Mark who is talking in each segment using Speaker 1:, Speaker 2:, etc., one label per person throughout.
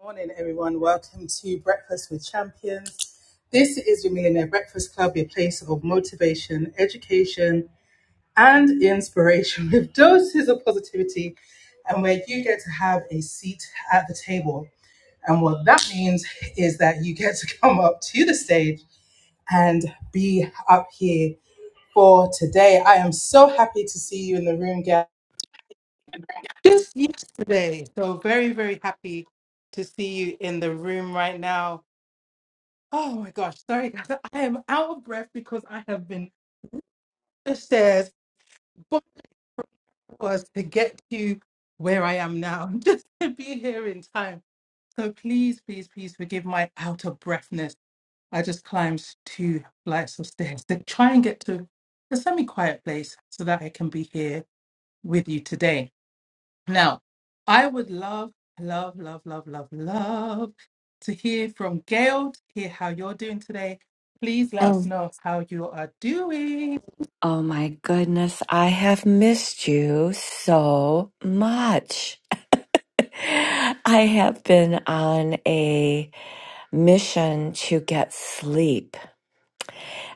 Speaker 1: Morning, everyone. Welcome to Breakfast with Champions. This is your Millionaire Breakfast Club, your place of motivation, education, and inspiration with doses of positivity, and where you get to have a seat at the table. And what that means is that you get to come up to the stage and be up here for today. I am so happy to see you in the room, guys. just yesterday. So very, very happy to see you in the room right now. Oh my gosh, sorry guys. I am out of breath because I have been upstairs, but was to get to where I am now, just to be here in time. So please, please, please forgive my out of breathness. I just climbed two flights of stairs to try and get to a semi quiet place so that I can be here with you today. Now, I would love, love, love, love, love, love to hear from Gail, to hear how you're doing today. Please let us know how you are doing.
Speaker 2: Oh my goodness, I have missed you so much. I have been on a mission to get sleep.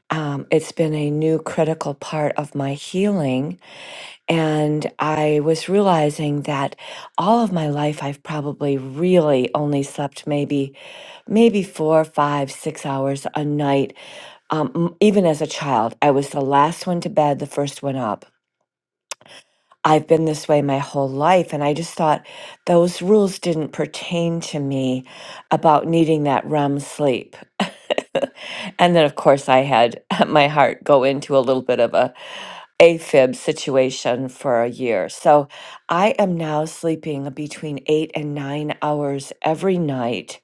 Speaker 2: Um, it's been a new critical part of my healing. And I was realizing that all of my life, I've probably really only slept maybe, maybe four, five, six hours a night. Um, m- even as a child, I was the last one to bed, the first one up. I've been this way my whole life. And I just thought those rules didn't pertain to me about needing that REM sleep. and then, of course, I had my heart go into a little bit of a AFib situation for a year. So I am now sleeping between eight and nine hours every night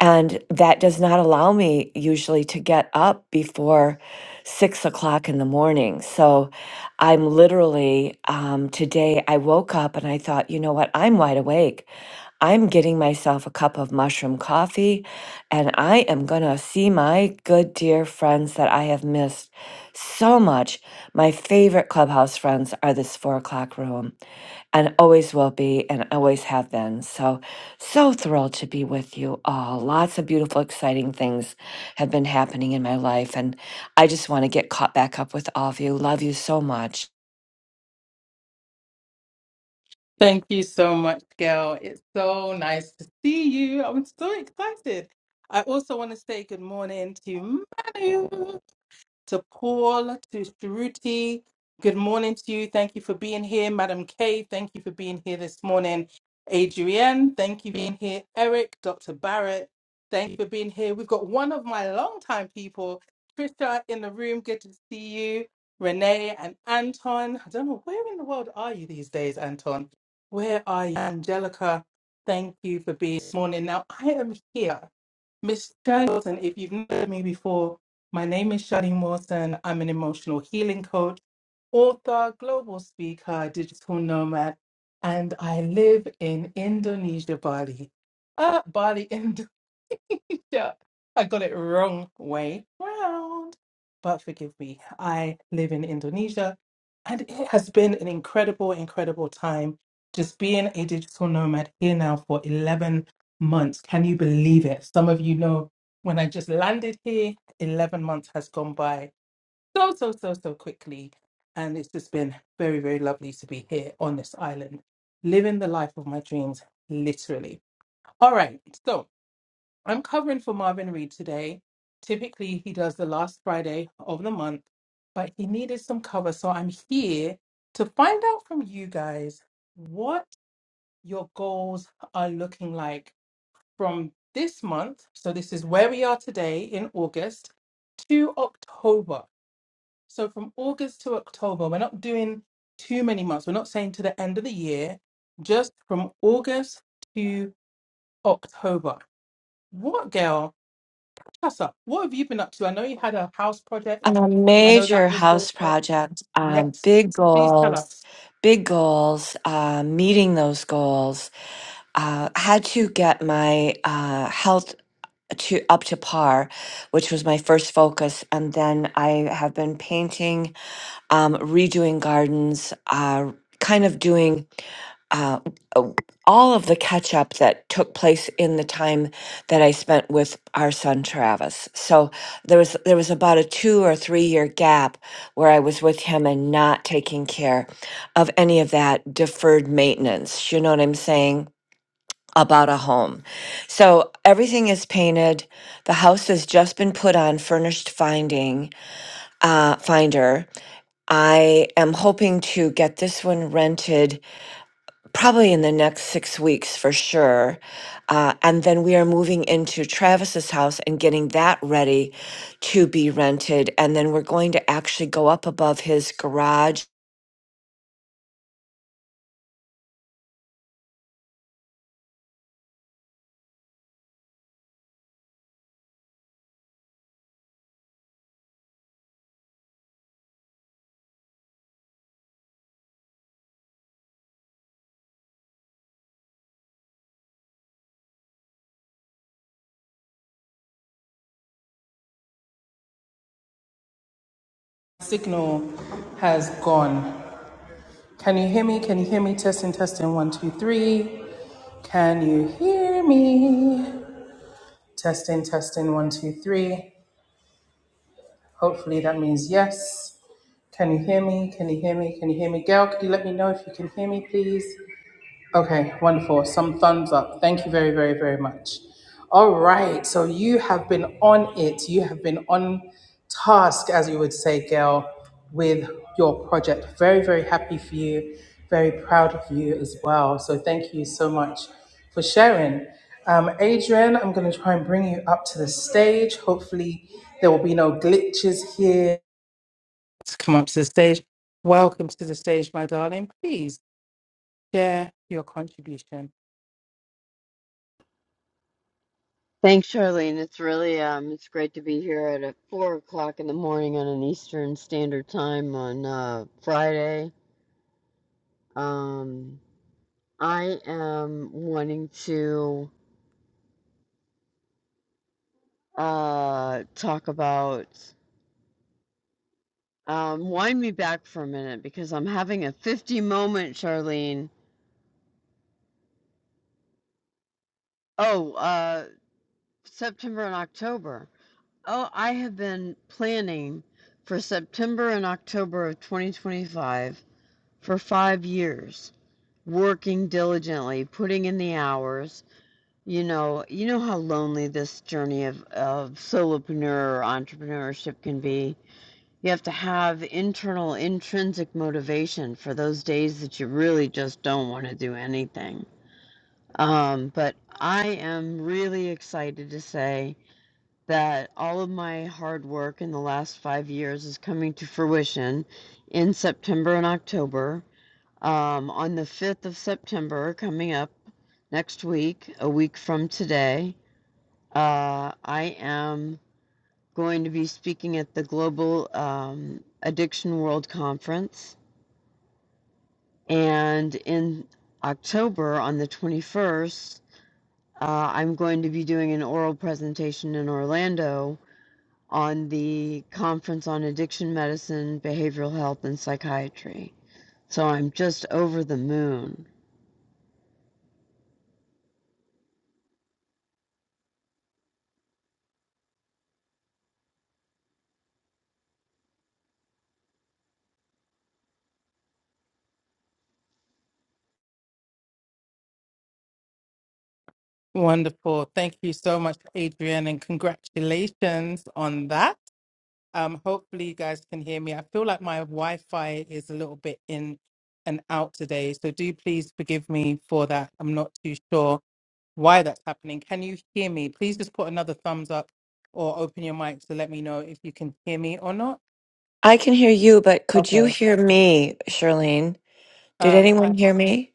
Speaker 2: and that does not allow me usually to get up before six o'clock in the morning. So I'm literally, um, today I woke up and I thought, you know what? I'm wide awake. I'm getting myself a cup of mushroom coffee and I am going to see my good dear friends that I have missed so much. My favorite clubhouse friends are this four o'clock room and always will be and always have been. So, so thrilled to be with you all. Lots of beautiful, exciting things have been happening in my life. And I just want to get caught back up with all of you. Love you so much.
Speaker 1: Thank you so much, Gail. It's so nice to see you. I'm so excited. I also want to say good morning to Manu. to Paul, to Shruti. Good morning to you. Thank you for being here. Madam K, thank you for being here this morning. Adrienne, thank you for being here. Eric, Dr. Barrett, thank you for being here. We've got one of my longtime people, Trisha, in the room. Good to see you. Renee and Anton. I don't know, where in the world are you these days, Anton? Where are you? Angelica, thank you for being this morning. Now, I am here Miss Shadi Wilson, if you've known me before, my name is Shadi Wilson. I'm an emotional healing coach, author, global speaker, digital nomad, and I live in Indonesia, Bali. Uh, Bali, Indonesia. yeah, I got it wrong way round. But forgive me, I live in Indonesia and it has been an incredible, incredible time just being a digital nomad here now for 11 months. Can you believe it? Some of you know when I just landed here, 11 months has gone by so, so, so, so quickly. And it's just been very, very lovely to be here on this island, living the life of my dreams, literally. All right, so I'm covering for Marvin Reed today. Typically, he does the last Friday of the month, but he needed some cover. So I'm here to find out from you guys what your goals are looking like from this month. So, this is where we are today in August to October. So, from August to October, we're not doing too many months. We're not saying to the end of the year, just from August to October. What, girl? Casa, what have you been up to? I know you had a house project.
Speaker 2: A
Speaker 1: I know
Speaker 2: major
Speaker 1: that was going
Speaker 2: house
Speaker 1: on.
Speaker 2: project, um,
Speaker 1: Yes.
Speaker 2: big
Speaker 1: Please tell
Speaker 2: goals,
Speaker 1: us.
Speaker 2: big goals, uh, meeting those goals. Uh, had to get my uh, health to up to par, which was my first focus, and then I have been painting um, redoing gardens, uh, kind of doing uh, uh, all of the catch up that took place in the time that I spent with our son Travis. So there was there was about a two or three year gap where I was with him and not taking care of any of that deferred maintenance. You know what I'm saying? About a home. So everything is painted. The house has just been put on furnished finding, uh, finder. I am hoping to get this one rented probably in the next six weeks for sure. Uh, and then we are moving into Travis's house and getting that ready to be rented. And then we're going to actually go up above his garage.
Speaker 1: Signal has gone. Can you hear me? Can you hear me? Testing, testing. One, two, three. Can you hear me? Testing, testing. One, two, three. Hopefully that means yes. Can you hear me? Can you hear me? Can you hear me? Gail, could you let me know if you can hear me, please? Okay, wonderful. Some thumbs up. Thank you very, very, very much. All right, so you have been on it. You have been on task, as you would say, Gail, with your project. Very, very happy for you. Very proud of you as well. So thank you so much for sharing. Um, Adrian, I'm going to try and bring you up to the stage. Hopefully, there will be no glitches here. Let's come up to the stage. Welcome to the stage, my darling. Please share your contribution.
Speaker 3: Thanks, Charlene. It's really um, it's great to be here at uh, four o'clock in the morning on an Eastern Standard Time on uh, Friday. Um, I am wanting to uh, talk about um, wind me back for a minute because I'm having a 50 moment, Charlene. Oh, uh, September and October. Oh, I have been planning for September and October of 2025 for five years. working diligently, putting in the hours. You know, you know how lonely this journey of, of solopreneur or entrepreneurship can be. You have to have internal, intrinsic motivation for those days that you really just don't want to do anything. Um, but I am really excited to say that all of my hard work in the last five years is coming to fruition in September and October. Um, on the 5th of September, coming up next week, a week from today. Uh, I am going to be speaking at the Global um, Addiction World Conference. And in October, on the 21st, uh, I'm going to be doing an oral presentation in Orlando on the Conference on Addiction Medicine, Behavioral Health, and Psychiatry. So I'm just over the moon.
Speaker 1: Wonderful. Thank you so much, Adrian, and congratulations on that. Um, hopefully you guys can hear me. I feel like my Wi-Fi is a little bit in and out today, so do please forgive me for that. I'm not too sure why that's happening. Can you hear me? Please just put another thumbs up or open your mic to let me know if you can hear me or not.
Speaker 2: I can hear you, but could you
Speaker 1: Okay.
Speaker 2: hear me, Charlene? Did
Speaker 1: Um,
Speaker 2: anyone
Speaker 1: I
Speaker 2: hear me?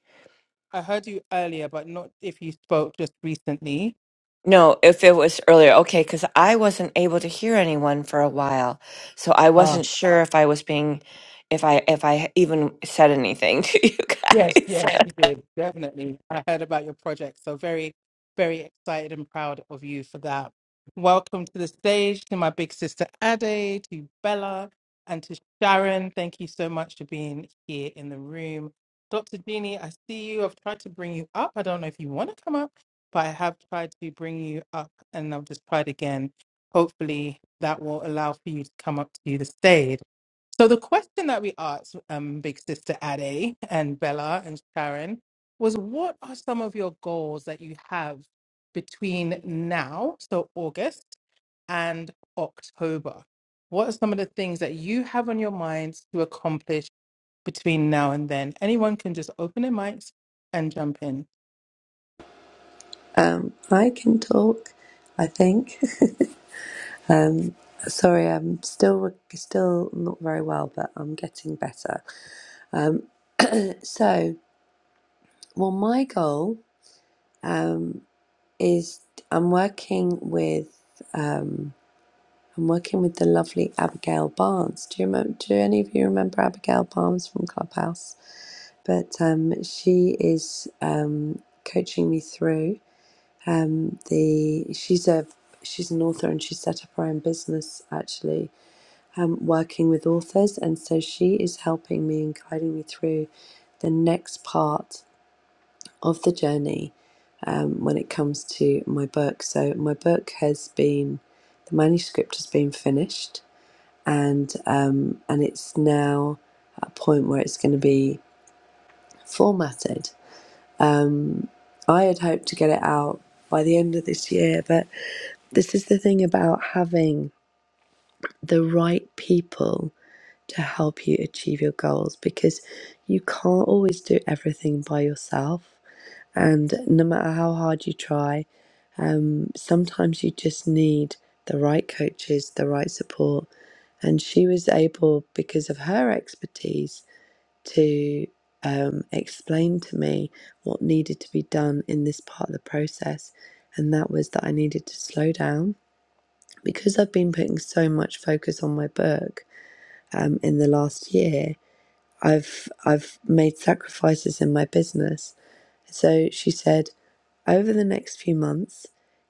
Speaker 1: I heard you earlier, but not if you spoke just recently.
Speaker 2: No, if it was earlier, okay, because I wasn't able to hear anyone for a while, so I wasn't sure if I was being, if I if I even said anything to you
Speaker 1: Yes,
Speaker 2: guys.
Speaker 1: yes, you did. Definitely. I heard about your project. So very, very excited and proud of you for that. Welcome to the stage to my big sister Ade, to Bella, and to Sharon. Thank you so much for being here in the room. Dr. Jeannie, I see you. I've tried to bring you up. I don't know if you want to come up, but I have tried to bring you up and I've just tried again. Hopefully that will allow for you to come up to the stage. So the question that we asked um, Big Sister Ade and Bella and Sharon was, what are some of your goals that you have between now, so August and October? What are some of the things that you have on your mind to accomplish between now and then? Anyone can just open their mics and jump in.
Speaker 4: Um, I can talk, I think. Sorry, I'm still still not very well, but I'm getting better. So, well, my goal is I'm working with I'm working with the lovely Abigail Barnes. Do you remember? Do any of you remember Abigail Barnes from Clubhouse? But um, she is um, coaching me through um, the. She's a she's an author and she set up her own business actually um, working with authors, and so she is helping me and guiding me through the next part of the journey um, when it comes to my book. So my book has been the manuscript has been finished, and um, and it's now at a point where it's going to be formatted. I had hoped to get it out by the end of this year, but this is the thing about having the right people to help you achieve your goals because you can't always do everything by yourself. And no matter how hard you try, um, sometimes you just need the right coaches, the right support. And she was able, because of her expertise, to um, explain to me what needed to be done in this part of the process. And that was that I needed to slow down because I've been putting so much focus on my book um, in the last year. I've I've made sacrifices in my business. So she said, over the next few months,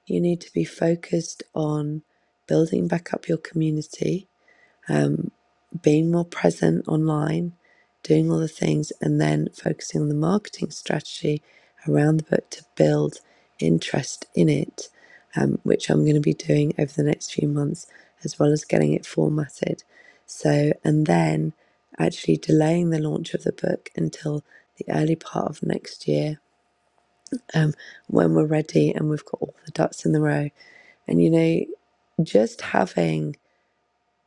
Speaker 4: you need to be focused on building back up your community being more present online, doing all the things, and then focusing on the marketing strategy around the book to build interest in it, um, which I'm going to be doing over the next few months, as well as getting it formatted. So, and then actually delaying the launch of the book until the early part of next year um, when we're ready and we've got all the ducks in the row. And you know, just having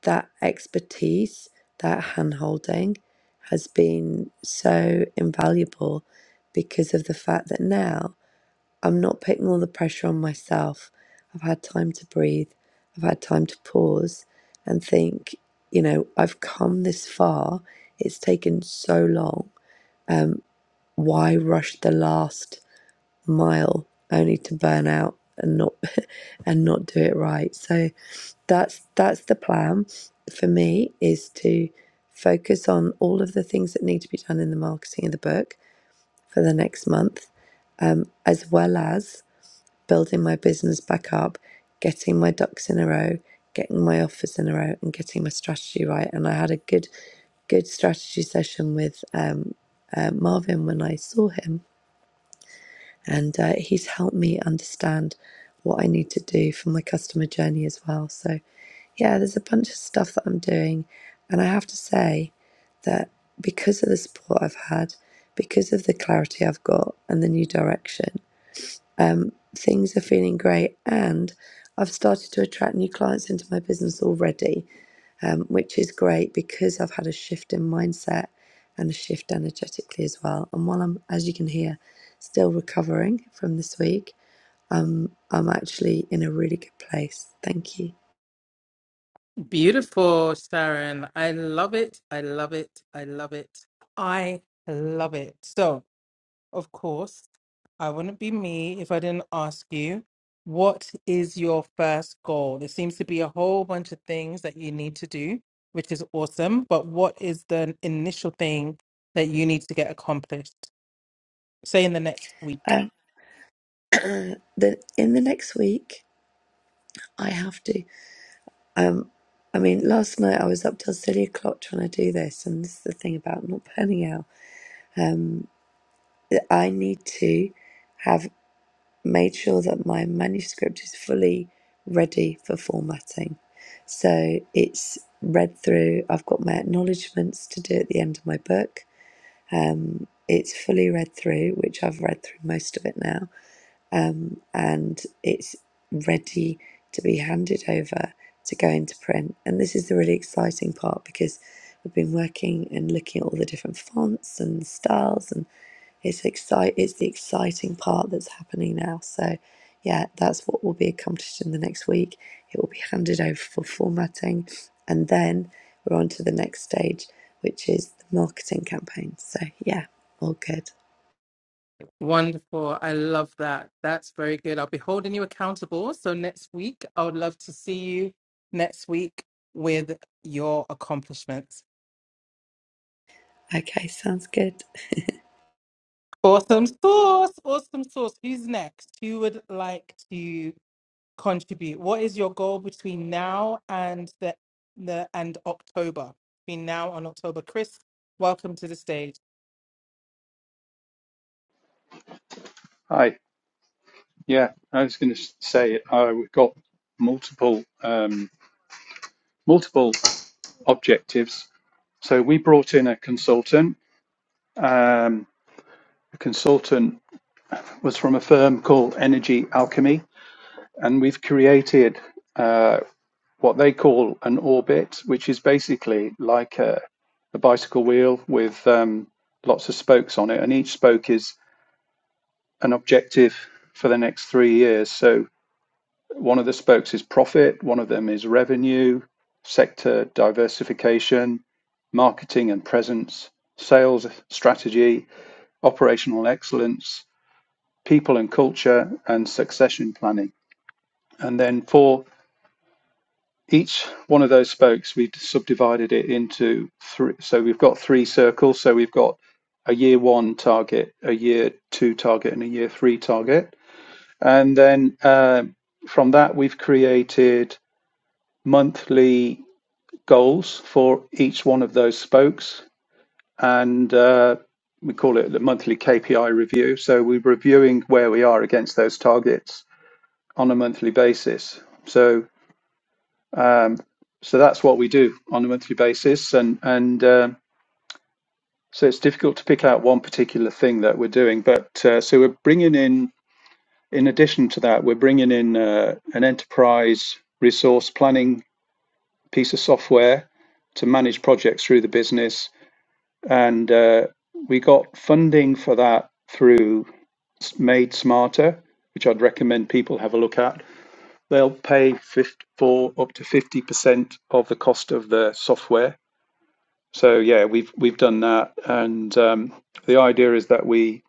Speaker 4: that expertise, that hand holding has been so invaluable because of the fact that now I'm not putting all the pressure on myself. I've had time to breathe, I've had time to pause and think, you know, I've come this far. It's taken so long. Why rush the last mile only to burn out and not and not do it right? So that's that's the plan for me is to focus on all of the things that need to be done in the marketing of the book for the next month um, as well as building my business back up getting my ducks in a row getting my offers in a row and getting my strategy right and i had a good good strategy session with um, uh, marvin when i saw him and uh, he's helped me understand what I need to do for my customer journey as well. So, yeah, there's a bunch of stuff that I'm doing, and I have to say that because of the support I've had, because of the clarity I've got, and the new direction things are feeling great and I've started to attract new clients into my business already, um, which is great because I've had a shift in mindset and a shift energetically as well. And while I'm, as you can hear, still recovering from this week, um, I'm actually in a really good place. Thank you.
Speaker 1: Beautiful, Sharon. I love it. I love it. I love it. I love it. So. Of course, I wouldn't be me if I didn't ask you, what is your first goal? There seems to be a whole bunch of things that you need to do, which is awesome, but what is the initial thing that you need to get accomplished? Say in the next week.
Speaker 4: Um, the, in the next week, I have to. Um, I mean, last night I was up till silly o'clock trying to do this, and this is the thing about not burning out. that I need to. have. made sure that my manuscript is fully ready for formatting. So it's read through. I've got my acknowledgements to do at the end of my book. Um, it's fully read through, which I've read through most of it now um, and it's ready to be handed over to go into print. And this is the really exciting part because we've been working and looking at all the different fonts and styles, and it's excite it's the exciting part that's happening now. So, yeah, that's what will be accomplished in the next week. It will be handed over for formatting, and then we're on to the next stage, which is the marketing campaign. So, yeah, all good.
Speaker 1: Wonderful. I love that. That's very good. I'll be holding you accountable. So next week, I would love to see you next week with your accomplishments.
Speaker 4: Okay, sounds good.
Speaker 1: Awesome sauce. Awesome sauce. Who's next? Who would like to contribute? What is your goal between now and the, the and October? Between now and October. Chris, welcome to the stage.
Speaker 5: Hi. Yeah, I was going to say uh, we've got multiple um, multiple objectives. So we brought in a consultant. Um, the consultant was from a firm called Energy Alchemy, and we've created uh, what they call an orbit, which is basically like a, a bicycle wheel with um, lots of spokes on it, and each spoke is an objective for the next three years. So One of the spokes is profit, one of them is revenue, sector diversification, marketing and presence, sales strategy, operational excellence, people and culture, and succession planning. And then for each one of those spokes, we've subdivided it into three. So we've got three circles. So we've got a year one target, a year two target, and a year three target. And then um from that, we've created monthly goals for each one of those spokes, and uh, we call it the monthly KPI review. So we're reviewing where we are against those targets on a monthly basis. So um, so that's what we do on a monthly basis, and and um so it's difficult to pick out one particular thing that we're doing. But uh, so we're bringing in, in addition to that, we're bringing in uh, an enterprise resource planning piece of software to manage projects through the business and uh, we got funding for that through Made Smarter, which I'd recommend people have a look at. They'll pay for up to fifty percent of the cost of the software. So yeah, we've we've done that, and um, the idea is that we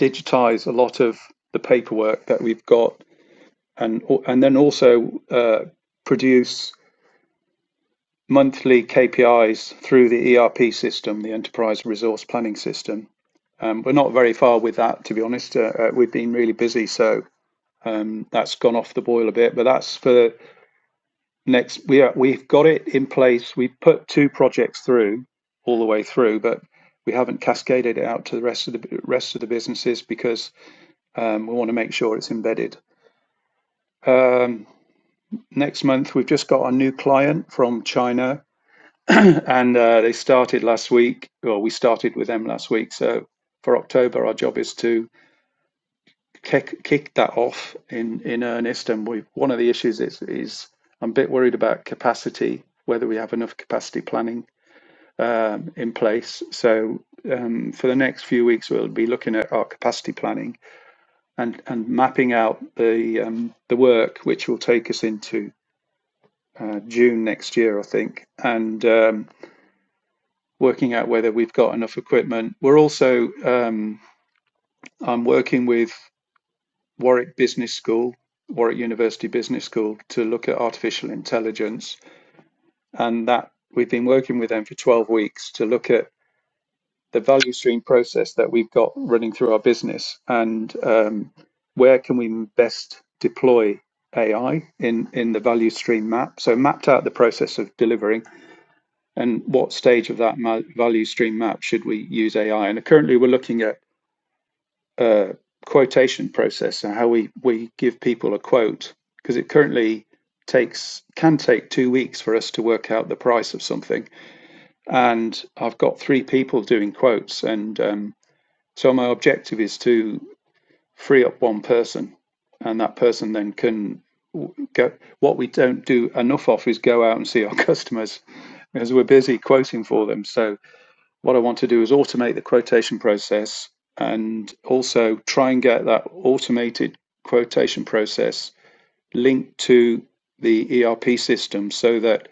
Speaker 5: digitize a lot of the paperwork that we've got, and and then also uh, produce monthly KPIs through the ERP system, the Enterprise Resource Planning System Um, we're not very far with that, to be honest. Uh, uh, we've been really busy, so um, that's gone off the boil a bit. But that's for next. We are, we've got it in place. We put two projects through all the way through, but we haven't cascaded it out to the rest of the rest of the businesses because um, we want to make sure it's embedded. Um, next month, we've just got a new client from China, and uh, they started last week. Well, we started with them last week, so for October, our job is to kick kick that off in in earnest. And we one of the issues is is I'm a bit worried about capacity, whether we have enough capacity planning um, in place. So um, for the next few weeks, we'll be looking at our capacity planning and and mapping out the um, the work which will take us into uh, June next year, I think, and um, working out whether we've got enough equipment. We're also um, I'm working with Warwick Business School, Warwick University Business School, to look at artificial intelligence. And that we've been working with them for 12 weeks to look at the value stream process that we've got running through our business and um, where can we best deploy AI in, in the value stream map. So, mapped out the process of delivering and what stage of that value stream map should we use AI. And currently, we're looking at uh, quotation process and how we, we give people a quote because it currently takes can take two weeks for us to work out the price of something and i've got three people doing quotes and um, so my objective is to free up one person and that person then can go what we don't do enough of is go out and see our customers because we're busy quoting for them so what I want to do is automate the quotation process and also try and get that automated quotation process linked to the ERP system so that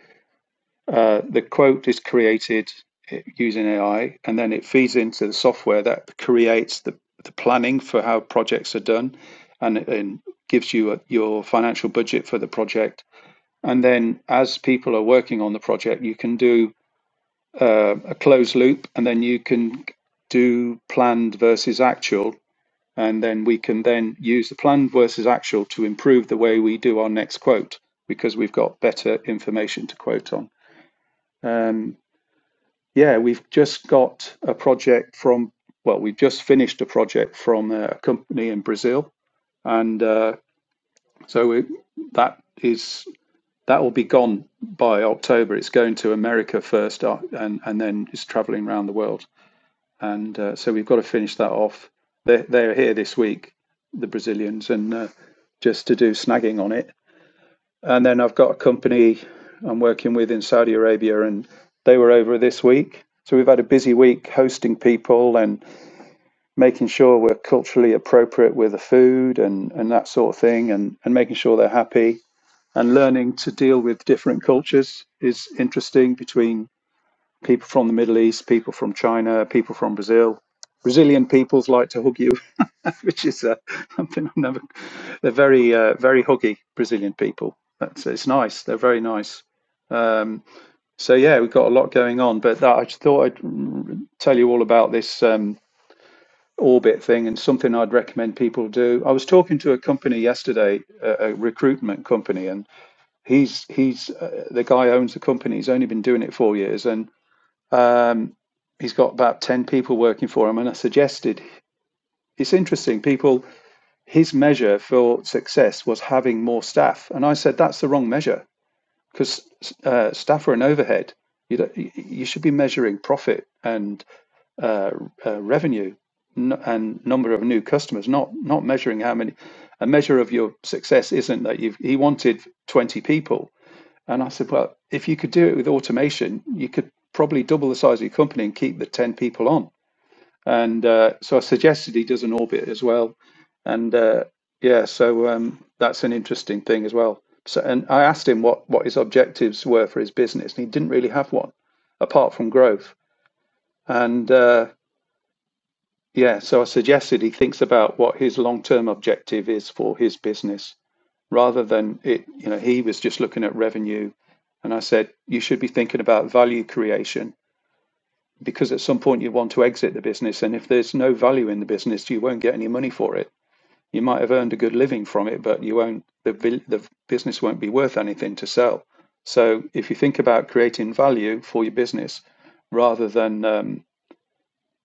Speaker 5: uh, the quote is created eh, using AI and then it feeds into the software that creates the, the planning for how projects are done and, and gives you a, your financial budget for the project. And then as people are working on the project, you can do um, a closed loop, and then you can do planned versus actual, and then we can then use the planned versus actual to improve the way we do our next quote because we've got better information to quote on. Um, yeah, we've just got a project from well, we've just finished a project from a company in Brazil, and uh, so it, that is that will be gone by October. It's going to America first, uh, and and then it's traveling around the world. and uh, so we've got to finish that off. They're, they're here this week, the Brazilians, and uh, just to do snagging on it. And then I've got a company I'm working with in Saudi Arabia, and they were over this week. So we've had a busy week hosting people and making sure we're culturally appropriate with the food and, and that sort of thing, and, and making sure they're happy. And learning to deal with different cultures is interesting between people from the Middle East, people from China, people from Brazil. Brazilian peoples like to hug you, which is uh, something I've never. They're very, uh, very huggy Brazilian people. That's it's nice. They're very nice. So yeah, we've got a lot going on. But that, I just thought I'd tell you all about this um, orbit thing and something I'd recommend people do. I was talking to a company yesterday, a, a recruitment company, and he's he's uh, the guy owns the company. He's only been doing it four years, and um. he's got about 10 people working for him and i suggested it's interesting people his measure for success was having more staff and i said that's the wrong measure because uh, staff are an overhead you don't, you should be measuring profit and uh, uh, revenue n- and number of new customers not not measuring how many a measure of your success isn't that you've he wanted 20 people and i said well if you could do it with automation you could probably double the size of your company and keep the 10 people on and uh, so I suggested he does an orbit as well, and uh, yeah, so um, that's an interesting thing as well. So, and I asked him what what his objectives were for his business, and he didn't really have one apart from growth. And uh, yeah, so I suggested he thinks about what his long term objective is for his business rather than it. You know, he was just looking at revenue, and I said you should be thinking about value creation because at some point you want to exit the business, and if there's no value in the business, you won't get any money for it. You might have earned a good living from it, but you won't. The the business won't be worth anything to sell. So if you think about creating value for your business, rather than um,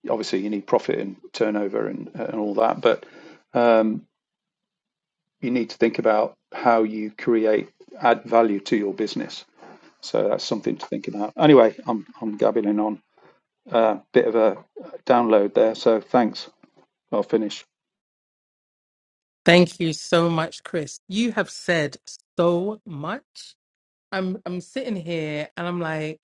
Speaker 5: obviously you need profit and turnover and and all that, but you need to think about how you create add value to your business. So that's something to think about. Anyway, I'm I'm gabbling on a uh, bit of a download there. So thanks. I'll finish.
Speaker 1: Thank you so much, Chris. You have said so much. I'm I'm sitting here and I'm like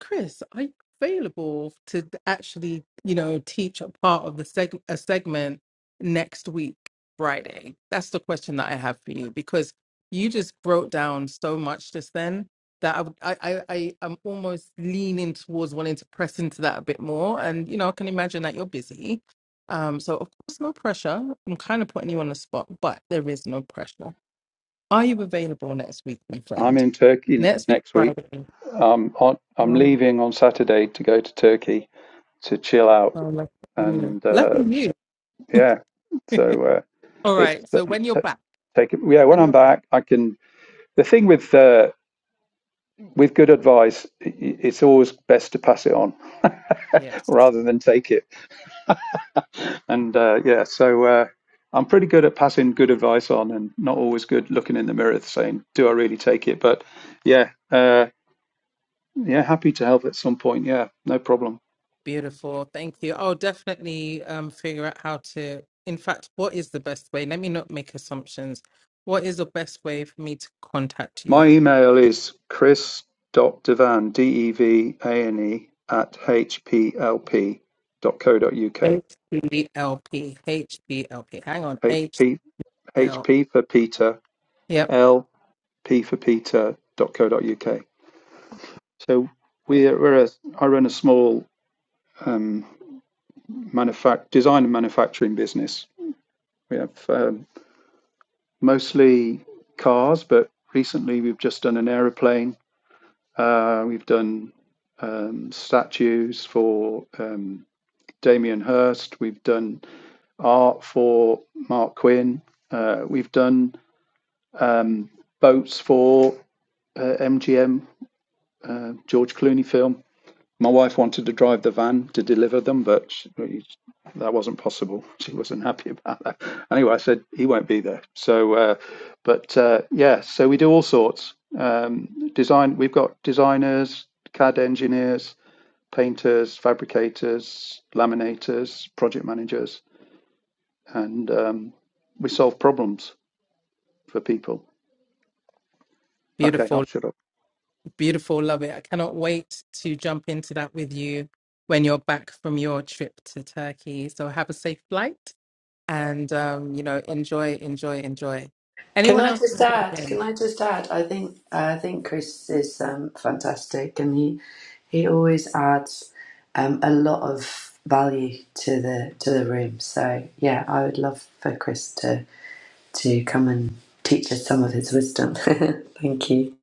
Speaker 1: Chris, are you available to actually, you know, teach a part of the seg- a segment next week, Friday? That's the question that I have for you because you just broke down so much just then that I would, I, I, I am almost leaning towards wanting to press into that a bit more. And you know, I can imagine that you're busy. Um, so of course, no pressure. I'm kind of putting you on the spot, but there is no pressure. Are you available next week, my
Speaker 5: I'm
Speaker 1: friend?
Speaker 5: in Turkey
Speaker 1: Next week,
Speaker 5: next week.
Speaker 1: Friday.
Speaker 5: Um, on, I'm leaving on Saturday to go to Turkey to chill out
Speaker 1: Oh, lucky you.
Speaker 5: and uh,
Speaker 1: Lucky you.
Speaker 5: yeah so uh,
Speaker 1: All
Speaker 5: it's
Speaker 1: right. So when you're
Speaker 5: t-
Speaker 1: back,
Speaker 5: take it yeah when
Speaker 1: when
Speaker 5: i'm
Speaker 1: you're back,
Speaker 5: back i can the thing with uh, with good advice i- it's always best to pass it on
Speaker 1: yes,
Speaker 5: rather than take it and uh, yeah so uh, i'm pretty good at passing good advice on and not always good looking in the mirror saying do i really take it but yeah uh, yeah happy to help at some point yeah no problem
Speaker 1: beautiful. Thank you. I'll definitely um figure out how to. In fact, what is the best way? Let me not make assumptions. What is the best way for me to contact you?
Speaker 5: My email is chris dot devan, D-E-V-A-N-E, at hplp dot co dot uk.
Speaker 1: H B L P H B L P. Hang on. HL.
Speaker 5: HP, HP for Peter,
Speaker 1: Yep.
Speaker 5: L, P for Peter dot co dot uk. So we're, we're a, I run a small um, manufact- design and manufacturing business. We have um, mostly cars, but recently we've just done an aeroplane. Uh, we've done um, statues for um, Damien Hirst. We've done art for Mark Quinn. Uh, we've done boats for uh, MGM, George Clooney film. My wife wanted to drive the van to deliver them, but she, that wasn't possible. She wasn't happy about that. Anyway, I said he won't be there. So, uh, but uh, yeah, so we do all sorts. Um, design. We've got designers, CAD engineers, painters, fabricators, laminators, project managers. and um, we solve problems for people. Okay, I'll
Speaker 1: Beautiful.
Speaker 5: shut up.
Speaker 1: Beautiful. Love it. I cannot wait to jump into that with you when you're back from your trip to Turkey. So have a safe flight and um, you know, enjoy, enjoy, enjoy.
Speaker 4: Can
Speaker 1: Anyone
Speaker 4: I
Speaker 1: else
Speaker 4: just
Speaker 1: want to
Speaker 4: add?
Speaker 1: jump in?
Speaker 4: Can I just add? I think I think Chris is um, fantastic, and he he always adds um, a lot of value to the to the room. So yeah, I would love for Chris to to come and teach us some of his wisdom. Thank you.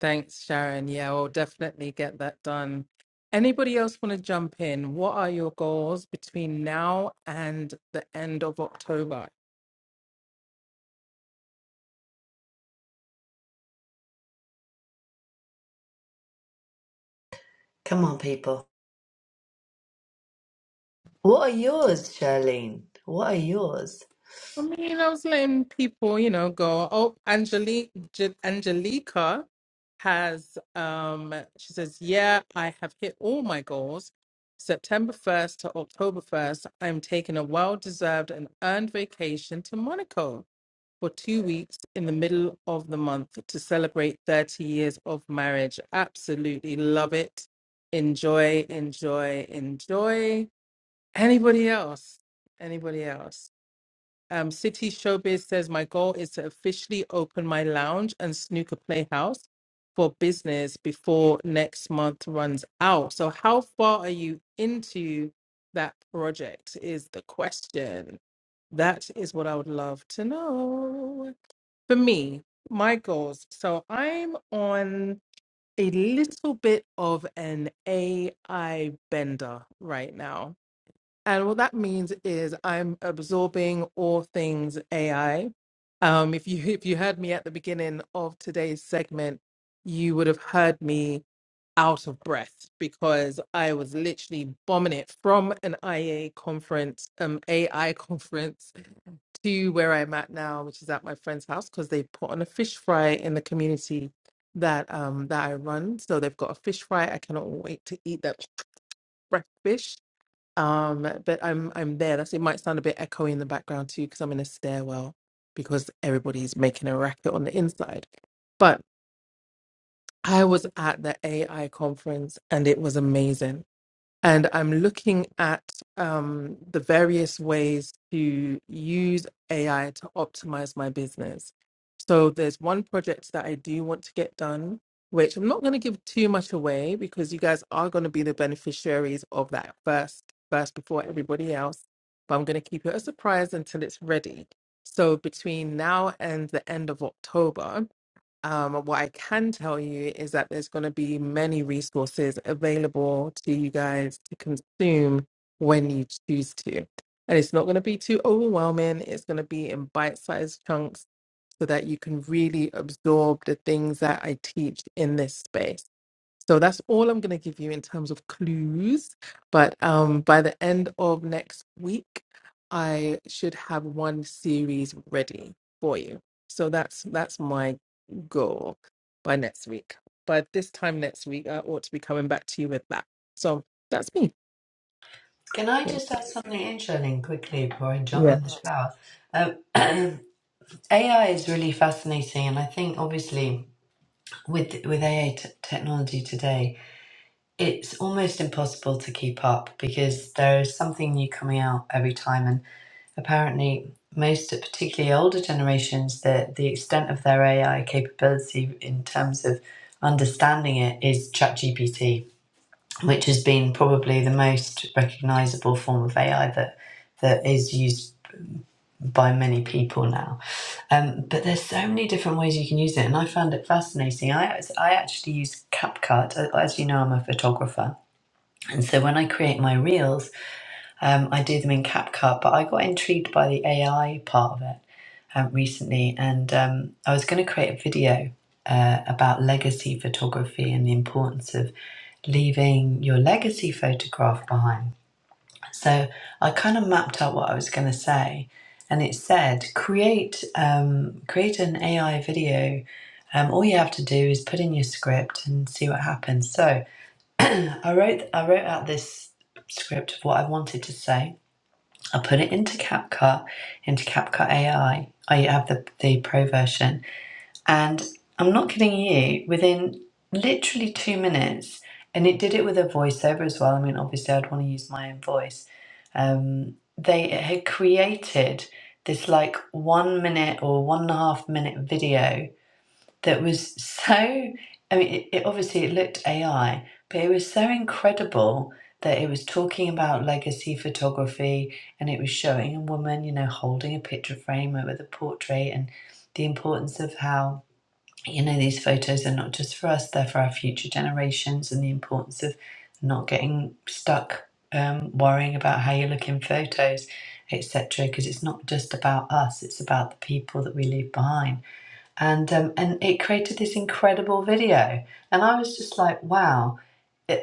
Speaker 1: Thanks, Sharon. Yeah, we'll definitely get that done. Anybody else want to jump in? What are your goals between now and the end of October?
Speaker 4: Come on, people. What are yours, Charlene? What are yours?
Speaker 1: I mean, I was letting people, you know, go. Oh, Angelique, J- Angelica has, um, she says, yeah, I have hit all my goals. September 1st to October 1st, I'm taking a well deserved and earned vacation to Monaco for two weeks in the middle of the month to celebrate 30 years of marriage. Absolutely love it. Enjoy, enjoy, enjoy. Anybody else? Anybody else? Um, City Showbiz says my goal is to officially open my lounge and snooker playhouse for business before next month runs out. So, how far are you into that project? Is the question. That is what I would love to know. For me, my goals. So, I'm on a little bit of an AI bender right now and what that means is I'm absorbing all things AI. Um, if you if you heard me at the beginning of today's segment, you would have heard me out of breath because I was literally bombing it from an IA conference, um, AI conference to where I'm at now, which is at my friend's house because they put on a fish fry in the community that um that I run. So they've got a fish fry. I cannot wait to eat that fresh fish um, but I'm I'm there. That's it. Might sound a bit echoey in the background too, because I'm in a stairwell because everybody's making a racket on the inside. But I was at the AI conference and it was amazing and I'm looking at um, the various ways to use AI to optimize my business. So there's one project that I do want to get done, which I'm not going to give too much away because you guys are going to be the beneficiaries of that first, first before everybody else. But I'm going to keep it a surprise until it's ready. So between now and the end of October, um, what I can tell you is that there's going to be many resources available to you guys to consume when you choose to. And it's not going to be too overwhelming. It's going to be in bite sized chunks so that you can really absorb the things that I teach in this space. So that's all I'm going to give you in terms of clues. But um, by the end of next week, I should have one series ready for you. So that's that's my goal by next week. By this time next week, I ought to be coming back to you with that. So that's me.
Speaker 4: Can I
Speaker 1: Yeah,
Speaker 4: just add something in, Charlene, quickly before I jump
Speaker 1: yeah.
Speaker 4: in the shower? Um, AI is really fascinating, and I think obviously. with with AI technology today, it's almost impossible to keep up because there is something new coming out every time, and apparently most, particularly older generations, the the extent of their AI capability in terms of understanding it is ChatGPT, which has been probably the most recognizable form of AI that that is used by many people now. Um, but there's so many different ways you can use it, and I found it fascinating. I I actually use CapCut. uh, As you know, I'm a photographer, and so when I create my reels, um, I do them in CapCut. But I got intrigued by the AI part of it um, recently, and um, I was going to create a video uh, about legacy photography and the importance of leaving your legacy photograph behind so I kind of mapped out what I was going to say, and it said create um, create an AI video. Um, all you have to do is put in your script and see what happens. So I wrote I wrote out this script of what I wanted to say. I put it into CapCut, into CapCut AI. I I have the the pro version, and I'm not kidding you, within literally two minutes, and it did it with a voiceover as well. I mean, obviously, I'd want to use my own voice. Um, they had created this like one minute or one and a half minute video that was so, I mean, it, it obviously it looked AI, but it was so incredible that it was talking about legacy photography and it was showing a woman, you know, holding a picture frame with a portrait and the importance of how you know, these photos are not just for us, they're for our future generations and the importance of not getting stuck um, worrying about how you look in photos, etc. Because it's not just about us, it's about the people that we leave behind and um, and it created this incredible video and i was just like wow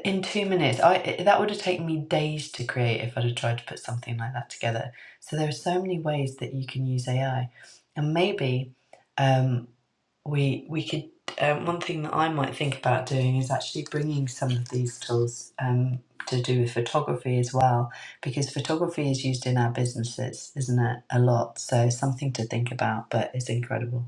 Speaker 4: in two minutes i i- that would have taken me days to create if i'd have tried to put something like that together so there are so many ways that you can use ai and maybe um, we we could um, one thing that i might think about doing is actually bringing some of these tools um, to do with photography as well because photography is used in our businesses isn't it a lot so something to think about but it's incredible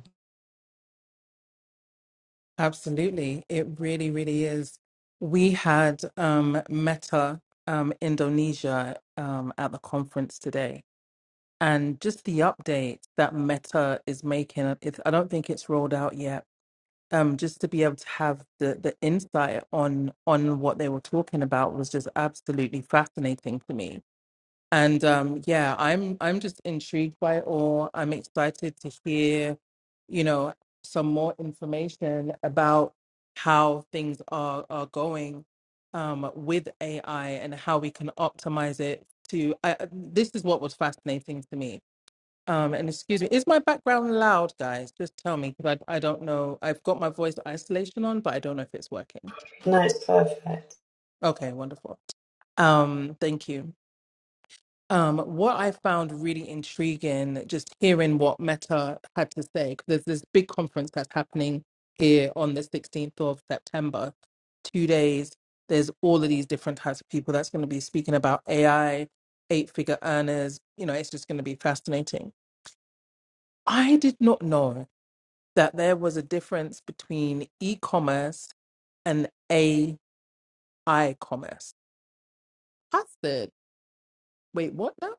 Speaker 1: absolutely. It really, really is. We had um, Meta um, Indonesia um, at the conference today and just the updates that Meta is making. It, I don't think it's rolled out yet. Um, just to be able to have the, the insight on on what they were talking about was just absolutely fascinating to me. And um, yeah, I'm I'm just intrigued by it all. I'm excited to hear, you know, some more information about how things are are going um, with AI and how we can optimize it to. I- this is what was fascinating to me um, and excuse me, is my background loud, guys? Just tell me because I, I don't know. I've got my voice isolation on, but I don't know if it's working.
Speaker 4: No, it's perfect.
Speaker 1: Okay, wonderful. Um, thank you. Um, what I found really intriguing, just hearing what Meta had to say, 'cause there's this big conference that's happening here on the 16th of September, two days. There's all of these different types of people that's going to be speaking about AI, eight figure earners. You know, it's just going to be fascinating. I did not know. that there was a difference between e-commerce and AI commerce. I said, wait, what now?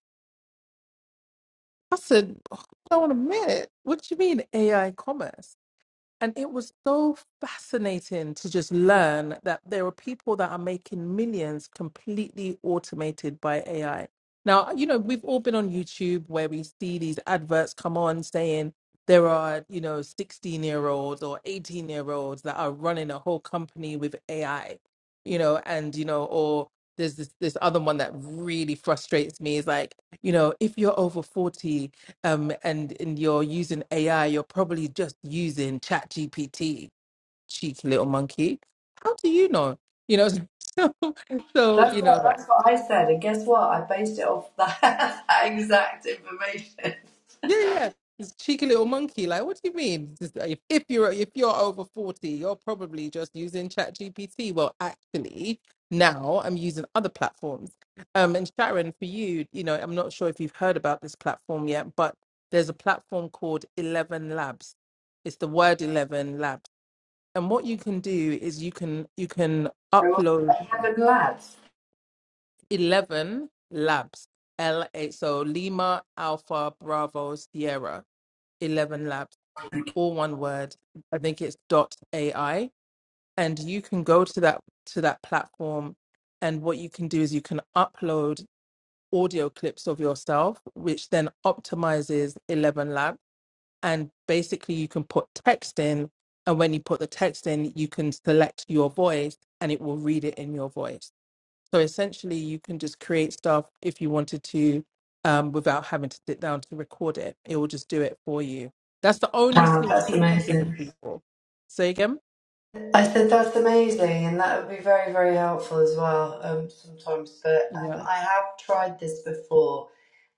Speaker 1: I said, hold on a minute. What do you mean AI commerce? And it was so fascinating to just learn that there are people that are making millions completely automated by AI. Now, you know, we've all been on YouTube where we see these adverts come on saying there are, you know, 16 year olds or 18 year olds that are running a whole company with AI, you know, and, you know, or there's this, this other one that really frustrates me is like, you know, if you're over 40 um, and, and you're using AI, you're probably just using ChatGPT, cheeky little monkey. How do you know? You know, so, so
Speaker 4: That's
Speaker 1: you
Speaker 4: what
Speaker 1: know, like,
Speaker 4: that's what I said, and guess what? I based it off that, that exact information.
Speaker 1: yeah, yeah. It's cheeky little monkey. Like, what do you mean? Just, uh, If, if you're if you're over forty, you're probably just using ChatGPT. Well, actually, now I'm using other platforms. Um, and Sharon, for you, you know, I'm not sure if you've heard about this platform yet, but there's a platform called Eleven Labs. It's the word Eleven Labs And what you can do is you can you can
Speaker 4: I was
Speaker 1: upload
Speaker 4: like, Heaven lads.
Speaker 1: eleven labs. L A so Lima Alpha Bravo Sierra eleven labs, all one word. I think it's dot AI, and you can go to that to that platform. And what you can do is you can upload audio clips of yourself, which then optimizes eleven labs and basically you can put text in and when you put the text in you can select your voice and it will read it in your voice so essentially you can just create stuff if you wanted to um, without having to sit down to record it it will just do it for you that's the only
Speaker 4: Wow,
Speaker 1: sneak
Speaker 4: that's
Speaker 1: peek i'm giving
Speaker 4: amazing.
Speaker 1: people Say again
Speaker 4: I said that's amazing, and that would be very very helpful as well. Um, sometimes, but um,
Speaker 1: yeah
Speaker 4: I have tried this before,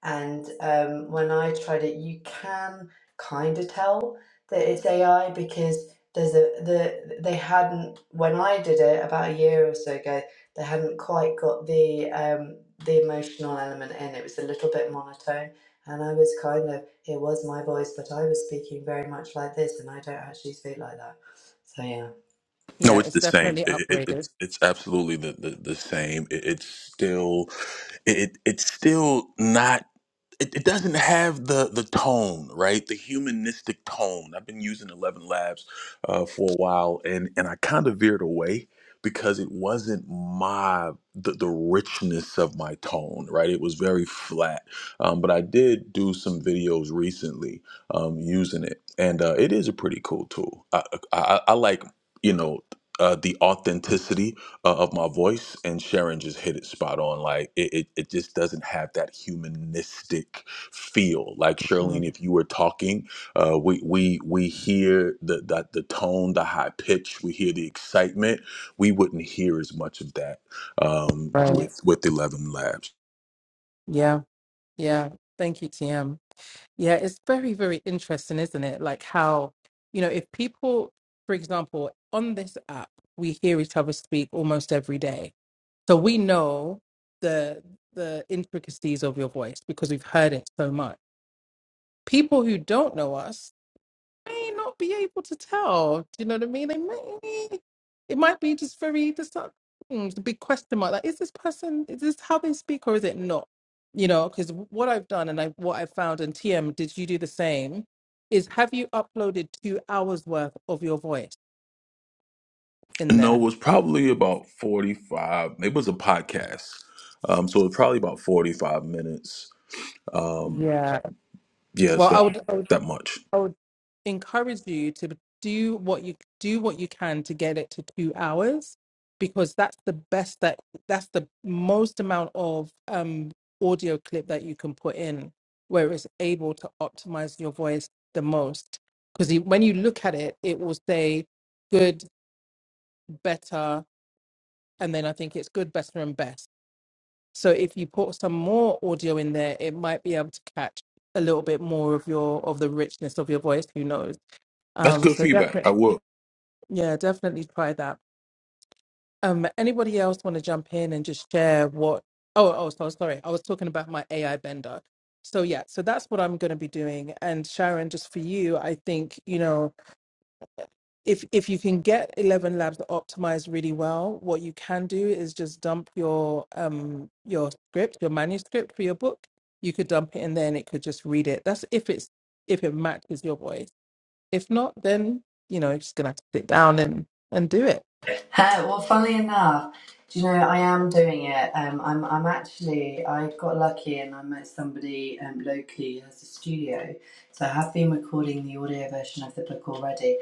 Speaker 4: And um, when I tried it, you can kind of tell that it's AI because there's a the they hadn't when I did it about a year or so ago they hadn't quite got the um, the emotional element in. It was a little bit monotone, and I was kind of it was my voice, but I was speaking very much like this, and I don't actually speak like that. So yeah.
Speaker 6: No,
Speaker 1: yeah
Speaker 6: it's
Speaker 1: it's
Speaker 6: the same.
Speaker 1: definitely
Speaker 6: It, it,
Speaker 1: upgraded
Speaker 6: it's it's absolutely the the, the same. It, it's still, it it's still not. It, it doesn't have the the tone, right? The humanistic tone. I've been using Eleven Labs uh, for a while, and and I kind of veered away because it wasn't my the, the richness of my tone, right? It was very flat. Um, but I did do some videos recently um, using it, and uh, it is a pretty cool tool. I I, I I like you know uh, the authenticity uh, of my voice and Sharon just hit it spot on. Like it, it, it just doesn't have that humanistic feel. Like
Speaker 1: Mm,
Speaker 6: Charlene, if you were talking, uh, we we we hear the, the the tone, the high pitch, we hear the excitement. We wouldn't hear as much of that um,
Speaker 1: right
Speaker 6: with with Eleven Labs.
Speaker 1: yeah yeah thank you tm Yeah, it's very, very interesting, isn't it? Like how, you know, if people, for example, on this app, we hear each other speak almost every day. So we know the the intricacies of your voice because we've heard it so much. People who don't know us may not be able to tell. Do you know what I mean? They may, it might be just very just not, hmm, it's a big question mark. Like, is this person? Is this how they speak, or is it not? You know, because what I've done and I what I found and TM, did you do the same? Is have you uploaded two hours worth of your voice in
Speaker 6: No, it
Speaker 1: there?
Speaker 6: was probably about forty five. It was a podcast, um, so it was probably about forty five minutes. Um,
Speaker 1: Yeah.
Speaker 6: yeah, it's
Speaker 1: Well, I
Speaker 6: that,
Speaker 1: would.
Speaker 6: that much.
Speaker 1: I would encourage you to do what you do what you can to get it to two hours because that's the best that that's the most amount of um audio clip that you can put in where it's able to optimize your voice the most because when you look at it it will say good better and then i think it's good better and best so if you put some more audio in there it might be able to catch a little bit more of your of the richness of your voice who knows
Speaker 6: That's
Speaker 1: um,
Speaker 6: good
Speaker 1: so
Speaker 6: feedback. I
Speaker 1: definitely,
Speaker 6: will.
Speaker 1: yeah, definitely try that. Um, anybody else want to jump in and just share what? Oh, oh, so sorry, I was talking about my AI bender. So yeah, so that's what I'm going to be doing. And Sharon, just for you, I think you know if if you can get Eleven Labs optimized really well, what you can do is just dump your um your script, your manuscript for your book. You could dump it in there, and it could just read it. That's if it's if it matches your voice If not, then you know, you're just gonna have to sit down and and do it.
Speaker 4: Uh, well, funnily enough, do you know I am doing it. Um, I'm I'm actually I got lucky and I met somebody um, locally who has a studio, so I have been recording the audio version of the book already.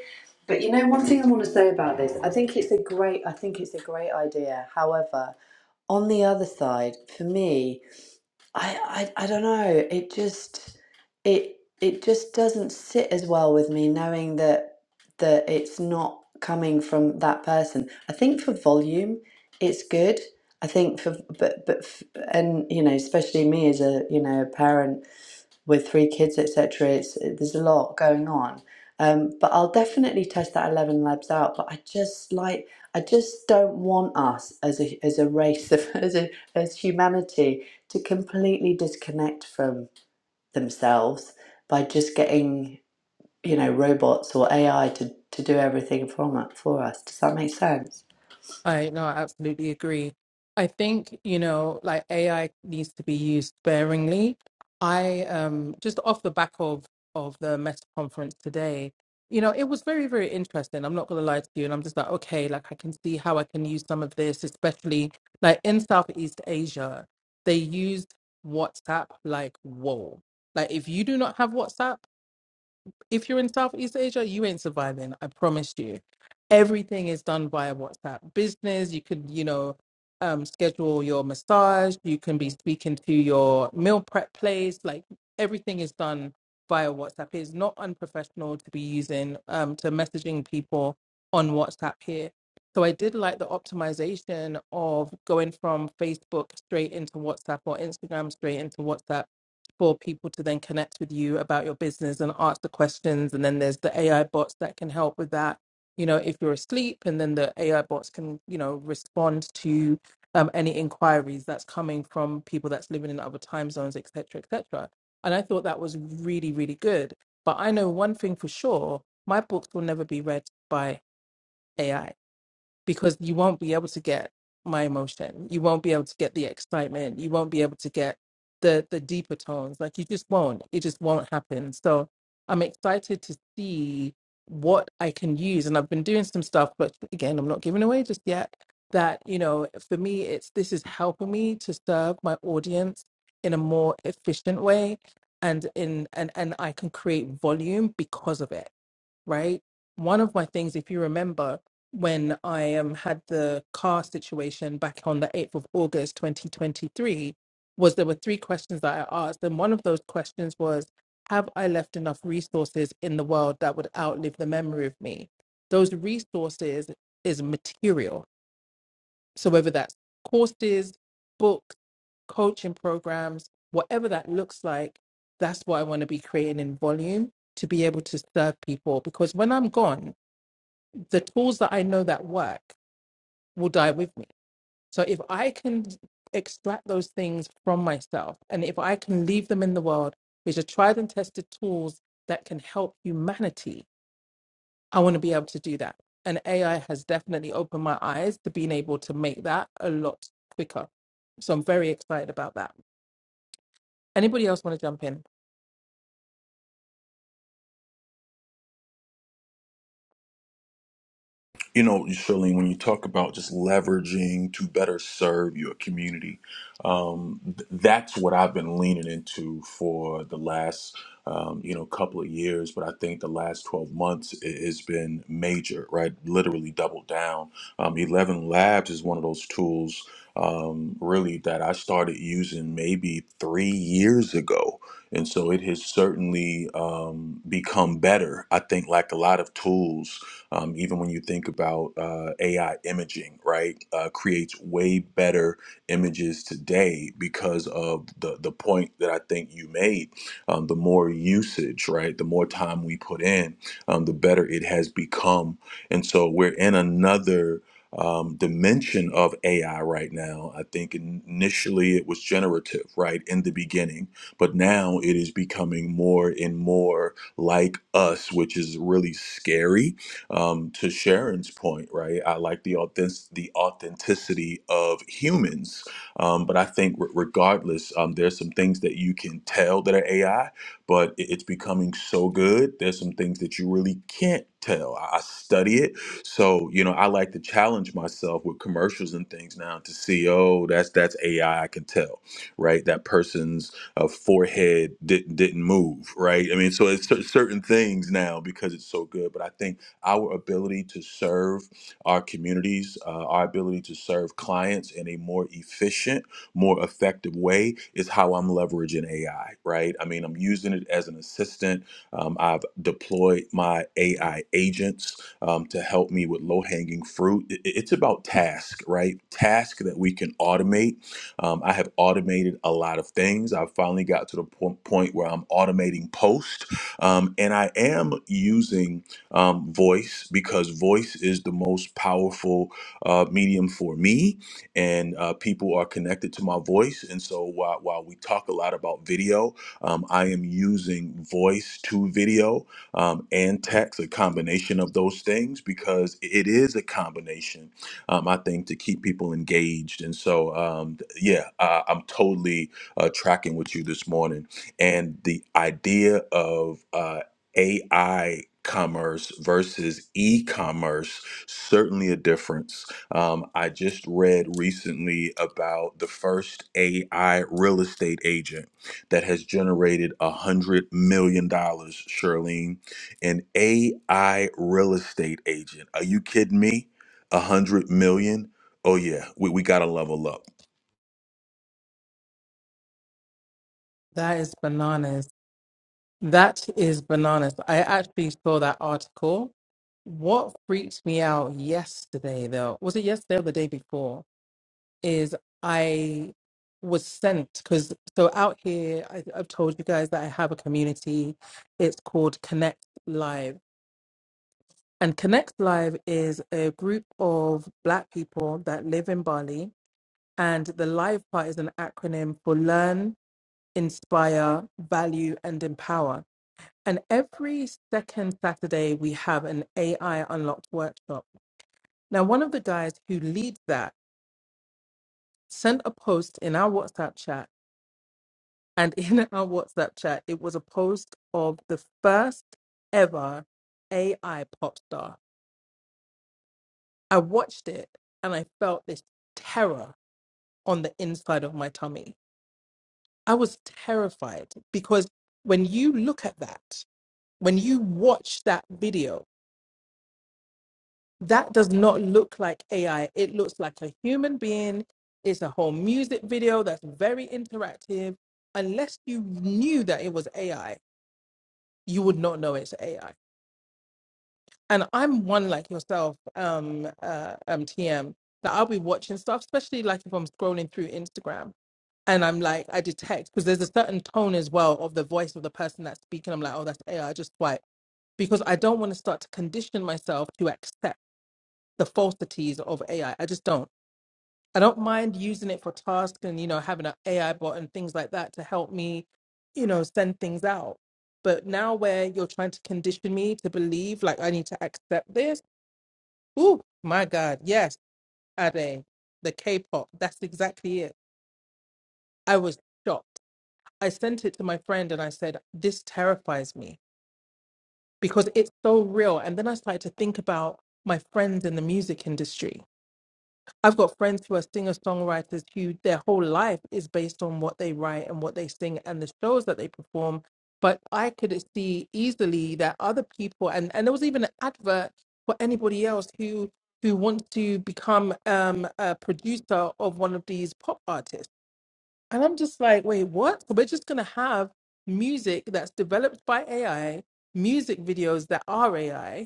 Speaker 4: But you know, one thing I want to say about this, I think it's a great I think it's a great idea. However, on the other side, for me. I, I I don't know. It just it it just doesn't sit as well with me knowing that that it's not coming from that person. I think for volume, it's good. I think for but but f- and you know especially me as a you know a parent with three kids, etc. It's there's a lot going on. Um, but I'll definitely test that Eleven Labs out. But I just like I just don't want us as a as a race of as a, as humanity to completely disconnect from themselves by just getting you know robots or AI to to do everything for us- for us. Does that make sense?
Speaker 1: I no, I absolutely agree. I think, you know, like AI needs to be used sparingly. I um just off the back of of the Meta conference today, you know, it was very, very interesting. I'm not gonna lie to you. And I'm just like, okay, like I can see how I can use some of this, especially like in Southeast Asia, they used WhatsApp like whoa. Like if you do not have WhatsApp, if you're in Southeast Asia, you ain't surviving. I promise you. Everything is done via WhatsApp business. You could, you know, um, schedule your massage. You can be speaking to your meal prep place. Like everything is done via WhatsApp. It's not unprofessional to be using um, to messaging people on WhatsApp here. So I did like the optimization of going from Facebook straight into WhatsApp or Instagram straight into WhatsApp for people to then connect with you about your business and ask the questions. And then there's the AI bots that can help with that. You know, if you're asleep, and then the AI bots can, you know, respond to um, any inquiries that's coming from people that's living in other time zones, et cetera, et cetera. And I thought that was really, really good. But I know one thing for sure my books will never be read by AI because you won't be able to get my emotion. You won't be able to get the excitement. You won't be able to get the the deeper tones. Like you just won't. It just won't happen. So I'm excited to see what I can use. And I've been doing some stuff, but again, I'm not giving away just yet. That, you know, for me it's this is helping me to serve my audience in a more efficient way and in and and I can create volume because of it right? One of my things, if you remember, when I um, had the car situation back on the 8th of August 2023, was there were three questions that I asked. And one of those questions was, have I left enough resources in the world that would outlive the memory of me? Those resources is material so whether that's courses, books, coaching programs, whatever that looks like, that's what I want to be creating in volume to be able to serve people. Because when I'm gone, the tools that I know that work will die with me. So if I can extract those things from myself and if I can leave them in the world, which are tried and tested tools that can help humanity, I want to be able to do that. And AI has definitely opened my eyes to being able to make that a lot quicker. So I'm very excited about that. Anybody else want to jump in?
Speaker 6: You know, Shirley, when you talk about just leveraging to better serve your community, um, th- that's what I've been leaning into for the last, um, you know, couple of years. But I think the last 12 months i- has been major, right? Literally doubled down. Um, 11 Labs is one of those tools, um, really, that I started using maybe three years ago and so it has certainly um, become better. I think, like a lot of tools Um, even when you think about uh, AI imaging, right, uh, creates way better images today because of the the point that I think you made. Um, the more usage, right, the more time we put in, um, the better it has become. And so we're in another um, dimension of AI right now. I think initially it was generative, right, in the beginning, but now it is becoming more and more like us, which is really scary um, to Sharon's point, right? I like the authentic the authenticity of humans, um, but I think re- regardless, um, there's some things that you can tell that are AI, but it- it's becoming so good. There's some things that you really can't tell. I I study it, so you know I like to challenge myself with commercials and things now to see, oh, that's that's AI. I I can tell, right? That person's uh, forehead didn't didn't move, right? I mean, so it's cer- certain things now because it's so good, but I think our ability to serve our communities, uh, our ability to serve clients in a more efficient, more effective way is how I'm leveraging AI, right? I mean, I'm using it as an assistant. Um, I've deployed my AI agents um, to help me with low hanging fruit. I- It's about task, right? Task that we can automate. Um, I have automated a lot of things. I finally got to the po- point where I'm automating post, um, and I am using um, voice because voice is the most powerful uh, medium for me, and uh, people are connected to my voice. And so while, while we talk a lot about video, um, I am using voice to video um, and text, a combination of those things, because it is a combination, um, I think, to keep people engaged. And so, um, th- yeah, I, I'm totally uh, tracking with you this morning. And the idea of uh, AI commerce versus e-commerce certainly a difference um, i just read recently about the first ai real estate agent that has generated a hundred million dollars charlene an ai real estate agent are you kidding me a hundred million? Oh yeah we, we gotta level up
Speaker 1: That is bananas. That is bananas. I actually saw that article. What freaked me out yesterday, though, was it yesterday or the day before? is I was sent because so out here I, I've told you guys that I have a community. It's called Connect Live, and Connect Live is a group of Black people that live in Bali, and the Live part is an acronym for Learn, Inspire, Value, and Empower. And every second Saturday we have an AI Unlocked workshop. Now, one of the guys who leads that sent a post in our WhatsApp chat and in our WhatsApp chat, it was a post of the first ever AI pop star. I watched it and I felt this terror on the inside of my tummy. I was terrified because when you look at that, when you watch that video, that does not look like AI. It looks like a human being. It's a whole music video that's very interactive. Unless you knew that it was AI, you would not know it's AI and I'm one like yourself, um, uh, um, TM, that I'll be watching stuff, especially like if I'm scrolling through Instagram and I'm like, I detect because there's a certain tone as well of the voice of the person that's speaking. I'm like, oh, that's AI, just swipe because I don't want to start to condition myself to accept the falsities of AI. I I just don't. I don't mind using it for tasks and you know having an AI bot and things like that to help me, you know, send things out. But now where you're trying to condition me to believe like I need to accept this Ooh, my God. Yes, Ade, the K-pop. That's exactly it. I was shocked. I sent it to my friend and I said, This terrifies me because it's so real. And then I started to think about my friends in the music industry I've got friends who are singer songwriters who their whole life is based on what they write and what they sing and the shows that they perform. But I could see easily that other people and, and there was even an advert for anybody else who who wants to become um, a producer of one of these pop artists. And I'm just like, wait, what? So we're just gonna have music that's developed by AI, music videos that are AI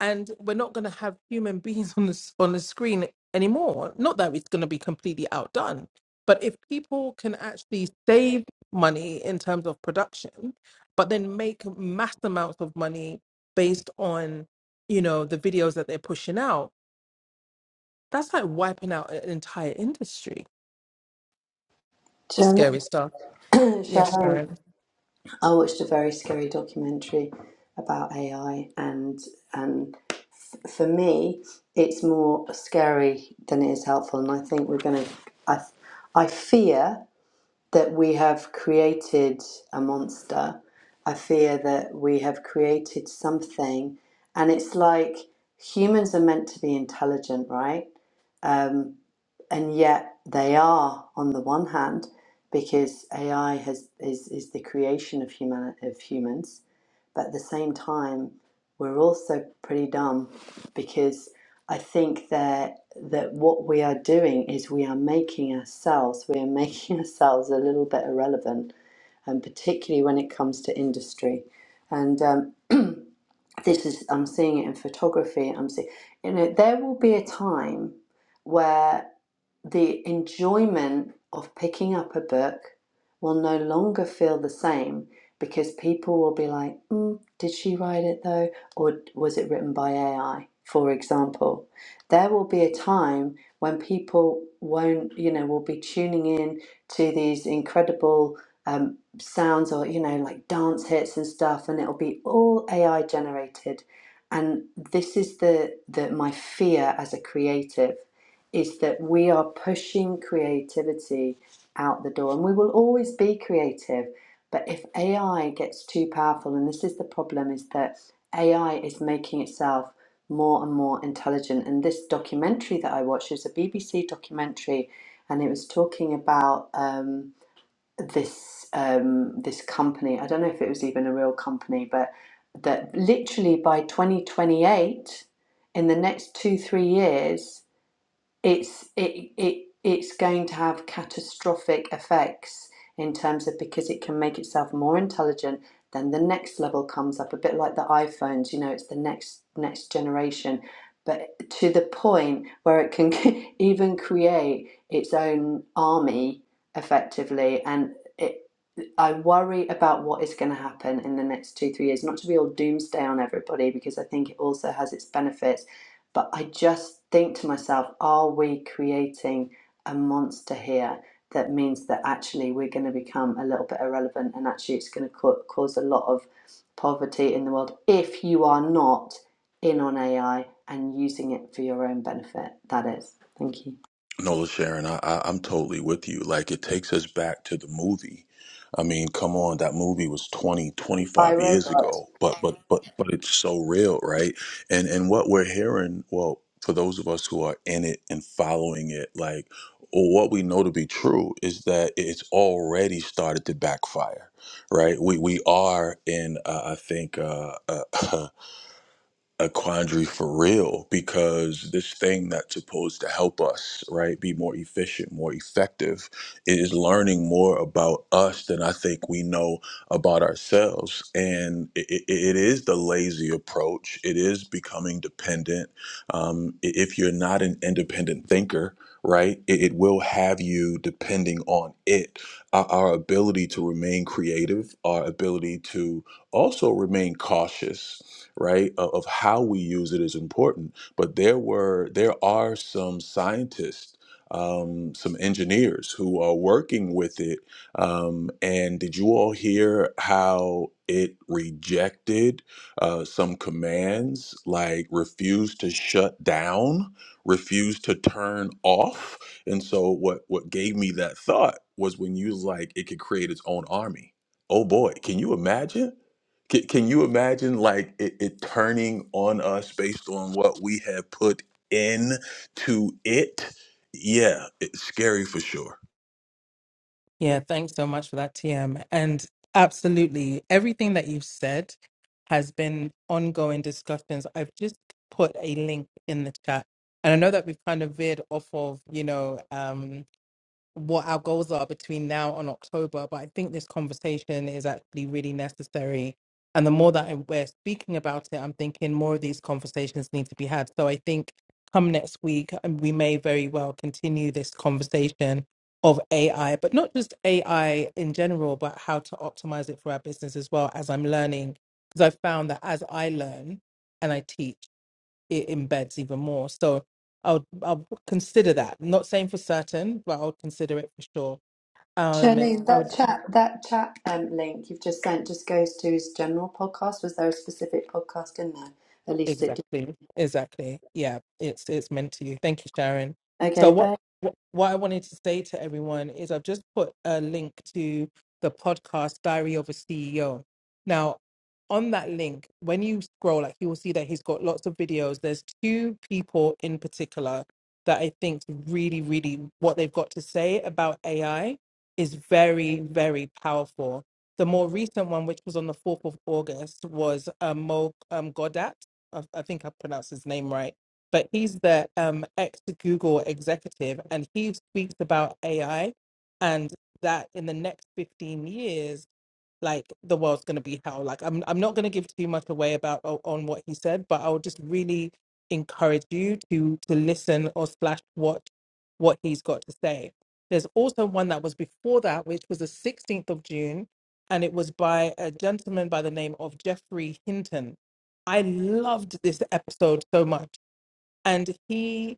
Speaker 1: and we're not going to have human beings on the s- on the screen anymore. Not that it's going to be completely outdone, but if people can actually save money in terms of production, but then make mass amounts of money based on you know the videos that they're pushing out, that's like wiping out an entire industry.
Speaker 4: Shalom.
Speaker 1: Scary stuff. Yes,
Speaker 4: Shalom.
Speaker 1: Sharon.
Speaker 4: I watched a very scary documentary about AI and and for me, it's more scary than it is helpful. And I think we're going to, I, I fear that we have created a monster. I fear that we have created something. And it's like humans are meant to be intelligent, right? Um, and yet they are, on the one hand, because AI has, is, is the creation of, human, of humans. But at the same time, we're also pretty dumb because I think that that what we are doing is we are making ourselves we are making ourselves a little bit irrelevant, and particularly when it comes to industry. And um, this is I'm seeing it in photography. I'm seeing you know there will be a time where the enjoyment of picking up a book will no longer feel the same because people will be like, mm, did she write it though? Or was it written by AI, for example? There will be a time when people won't, you know, will be tuning in to these incredible um, sounds or, you know, like dance hits and stuff, and it'll be all AI generated. And this is the, the my fear as a creative is that we are pushing creativity out the door and we will always be creative but if ai gets too powerful and this is the problem is that ai is making itself more and more intelligent and this documentary that i watched is a bbc documentary and it was talking about um, this um, this company i don't know if it was even a real company but that literally by 2028 in the next two three years it's it it it's going to have catastrophic effects in terms of because it can make itself more intelligent then the next level comes up a bit like the iPhones you know it's the next next generation but to the point where it can even create its own army effectively and it I worry about what is going to happen in the next two, three years. Not to be all doomsday on everybody, because I think it also has its benefits but I just think to myself, are we creating a monster here that means that actually we're going to become a little bit irrelevant and actually it's going to cause a lot of poverty in the world if you are not in on AI and using it for your own benefit? That is. Thank you.
Speaker 6: No, Sharon, I, I, I'm totally with you. Like, it takes us back to the movie. I mean, come on, that movie was 20 25 years
Speaker 4: iRobot.
Speaker 6: ago, but but but but it's so real, right? And and what we're hearing, well, for those of us who are in it and following it, like, or what we know to be true is that it's already started to backfire, right? We we are in, uh, I think, uh, uh, a quandary for real because this thing that's supposed to help us, right, be more efficient, more effective, is learning more about us than I think we know about ourselves. And it, it it is the lazy approach, it is becoming dependent. Um, i- if you're not an independent thinker, Right, it, it will have you depending on it. Our, our ability to remain creative, our ability to also remain cautious right of, of how we use it is important but there were there are some scientists um, some engineers who are working with it um, and did you all hear how it rejected uh, some commands like refused to shut down refused to turn off and so what what gave me that thought was when you was like it could create its own army oh boy can you imagine can, can you imagine like it, it turning on us based on what we have put in to it? Yeah, it's scary for sure.
Speaker 1: Yeah, thanks so much for that, TM. And absolutely, everything that you've said has been ongoing discussions. I've just put a link in the chat. And I know that we've kind of veered off of, you know, um, what our goals are between now and October. But I think this conversation is actually really necessary. And the more that I- we're speaking about it, I'm thinking more of these conversations need to be had. So I think come next week, um, we may very well continue this conversation of AI, but not just AI in general, but how to optimize it for our business as well, as I'm learning. Because I've found that as I learn and I teach, it embeds even more. So I'll I'll consider that. not saying for certain, but I'll consider it for sure. Um,
Speaker 4: Charlene,
Speaker 1: I would
Speaker 4: that chat that chat um, link you've just sent just goes to his general podcast. Was there a specific podcast in there? At least it did.
Speaker 1: Exactly. Exactly. Yeah, it's it's meant to you. Thank you, Sharon. So
Speaker 4: Okay,
Speaker 1: what
Speaker 4: bye.
Speaker 1: what what I wanted to say to everyone is I've just put a link to the podcast Diary of a CEO. Now, on that link, when you scroll, like you will see that he's got lots of videos. There's two people in particular that I think really, really what they've got to say about AI is very, very powerful. The more recent one, which was on the 4th of August, was um, Mo um, Godat I, I think I pronounced his name right, but he's the um, ex Google executive, and he speaks about AI and that in the next 15 years like the world's going to be hell like i'm i'm not going to give too much away about o- on what he said but i would just really encourage you to to listen or slash watch what he's got to say there's also one that was before that which was the 16th of june and it was by a gentleman by the name of jeffrey hinton i loved this episode so much and he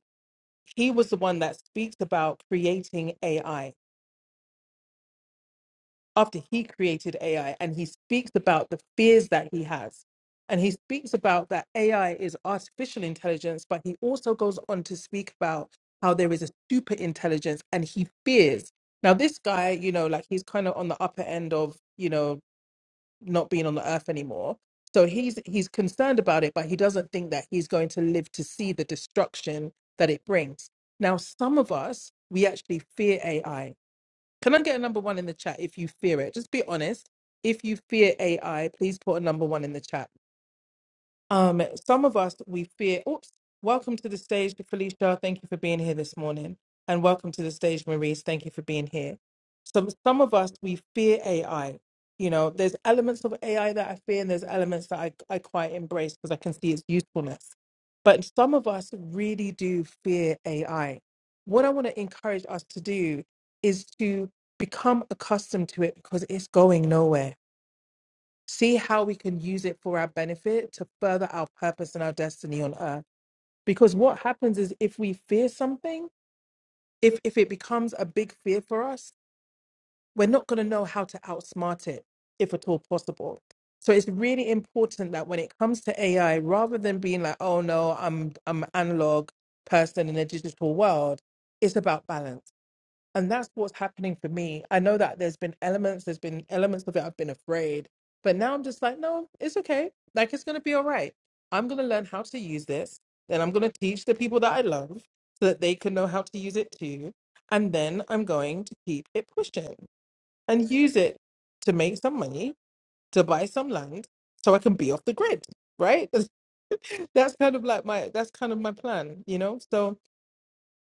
Speaker 1: he was the one that speaks about creating ai after he created AI and he speaks about the fears that he has. And he speaks about that AI is artificial intelligence, but he also goes on to speak about how there is a super intelligence and he fears. Now, this guy, you know, like he's kind of on the upper end of, you know, not being on the earth anymore. So he's he's concerned about it, but he doesn't think that he's going to live to see the destruction that it brings. Now, some of us, we actually fear AI can I get a number one in the chat if you fear it? Just be honest. If you fear AI, please put a number one in the chat. Um, some of us we fear. Oops. Welcome to the stage, Felicia. Thank you for being here this morning, and welcome to the stage, Maurice. Thank you for being here. Some some of us we fear AI. You know, there's elements of AI that I fear, and there's elements that I I quite embrace because I can see its usefulness. But some of us really do fear AI. What I want to encourage us to do is to become accustomed to it because it's going nowhere see how we can use it for our benefit to further our purpose and our destiny on earth because what happens is if we fear something if if it becomes a big fear for us we're not going to know how to outsmart it if at all possible so it's really important that when it comes to ai rather than being like oh no i'm i'm an analog person in a digital world it's about balance and that's what's happening for me i know that there's been elements there's been elements of it i've been afraid but now i'm just like no it's okay like it's going to be all right i'm going to learn how to use this then i'm going to teach the people that i love so that they can know how to use it too and then i'm going to keep it pushing and use it to make some money to buy some land so i can be off the grid right that's kind of like my that's kind of my plan you know so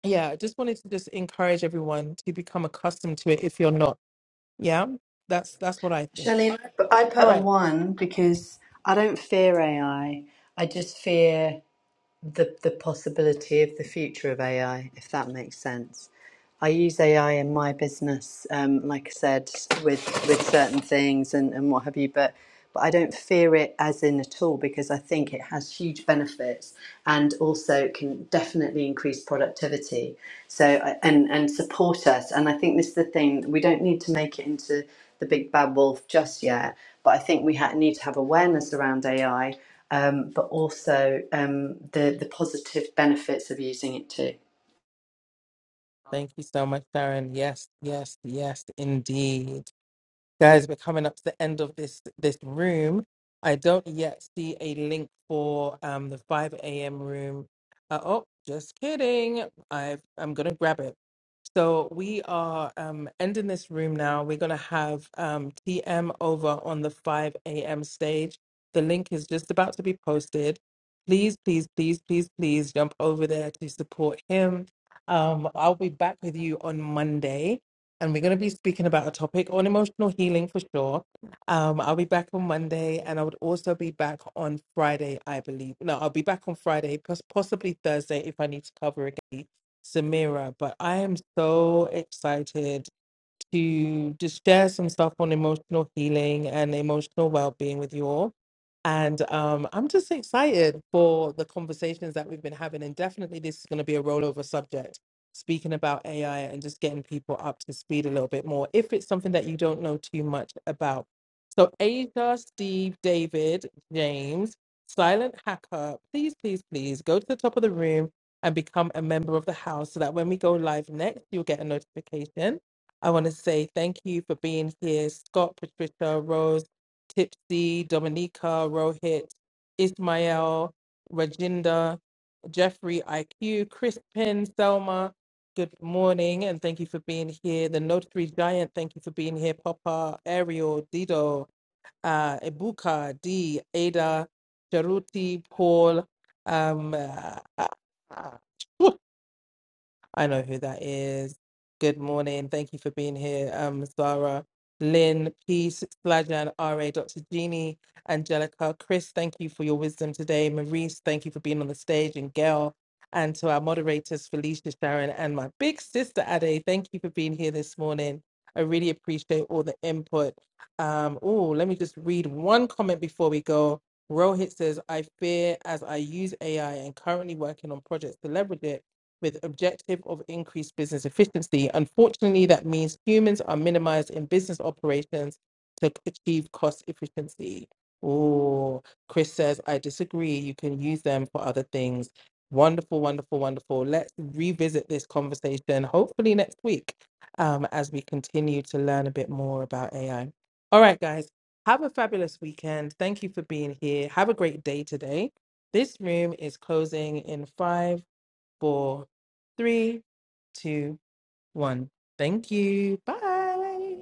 Speaker 1: yeah i just wanted to just encourage everyone to become accustomed to it if you're not yeah, that's that's what I think.
Speaker 4: Charlene, I pu- I
Speaker 1: All
Speaker 4: put a
Speaker 1: right.
Speaker 4: one because I don't fear AI. I I just fear the the possibility of the future of AI, if that makes sense. I use AI in my business, um, like I said, with with certain things and, and what have you, but but I don't fear it as in at all because I think it has huge benefits and also can definitely increase productivity. So I- and and support us. And I think this is the thing we don't need to make it into the big bad wolf just yet, but I think we ha- need to have awareness around AI, um, but also um, the the positive benefits of using it too.
Speaker 1: Thank you so much, Sharon. Yes, yes, yes, indeed. Guys, we're coming up to the end of this this room. I don't yet see a link for um the 5 a.m. room. Uh, oh, just kidding. I I'm gonna grab it. So we are um ending this room now. We're gonna have um TM over on the 5 a.m. stage. The link is just about to be posted. Please, please, please, please, please jump over there to support him. Um, I'll be back with you on Monday and we're going to be speaking about a topic on emotional healing for sure. Um, I'll be back on Monday, and I would also be back on Friday, I believe. No, I'll be back on Friday, pos- possibly Thursday if I need to cover again Samira. But I am so excited to just share some stuff on emotional healing and emotional well-being with you all. And um, I'm just excited for the conversations that we've been having. And definitely this is going to be a rollover subject, speaking about AI and just getting people up to speed a little bit more if it's something that you don't know too much about. So Asia, Steve, David, James, Silent Hacker, please, please, please go to the top of the room and become a member of the house so that when we go live next, you'll get a notification I want to say thank you for being here, Scott, Patricia, Rose, Tipsy, Dominica, Rohit, Ismail, Rajinda, Jeffrey, IQ, Crispin, Selma. Good morning, and thank you for being here. The Notary Giant, thank you for being here. Papa, Ariel, Dido, uh, Ebuka, D, Ada, Jaruti, Paul, um, uh, uh, uh, I know who that is. Good morning. Thank you for being here, um, Zara, Lynn, Peace, Slajan, RA, Dr. Jeannie, Angelica, Chris, thank you for your wisdom today. Maurice, thank you for being on the stage, and Gail, and to our moderators, Felicia, Sharon, and my big sister, Ade, thank you for being here this morning. I really appreciate all the input. Um, oh, let me just read one comment before we go. Rohit says, I fear as I use AI and currently working on projects to leverage it with objective of increased business efficiency. Unfortunately, that means humans are minimized in business operations to achieve cost efficiency. Oh, Chris says, I disagree. You can use them for other things. Wonderful, wonderful, wonderful. Let's revisit this conversation hopefully next week um, as we continue to learn a bit more about AI. All right, guys, have a fabulous weekend. Thank you for being here. Have a great day today. This room is closing in five four, three, two, one. Thank you. Bye.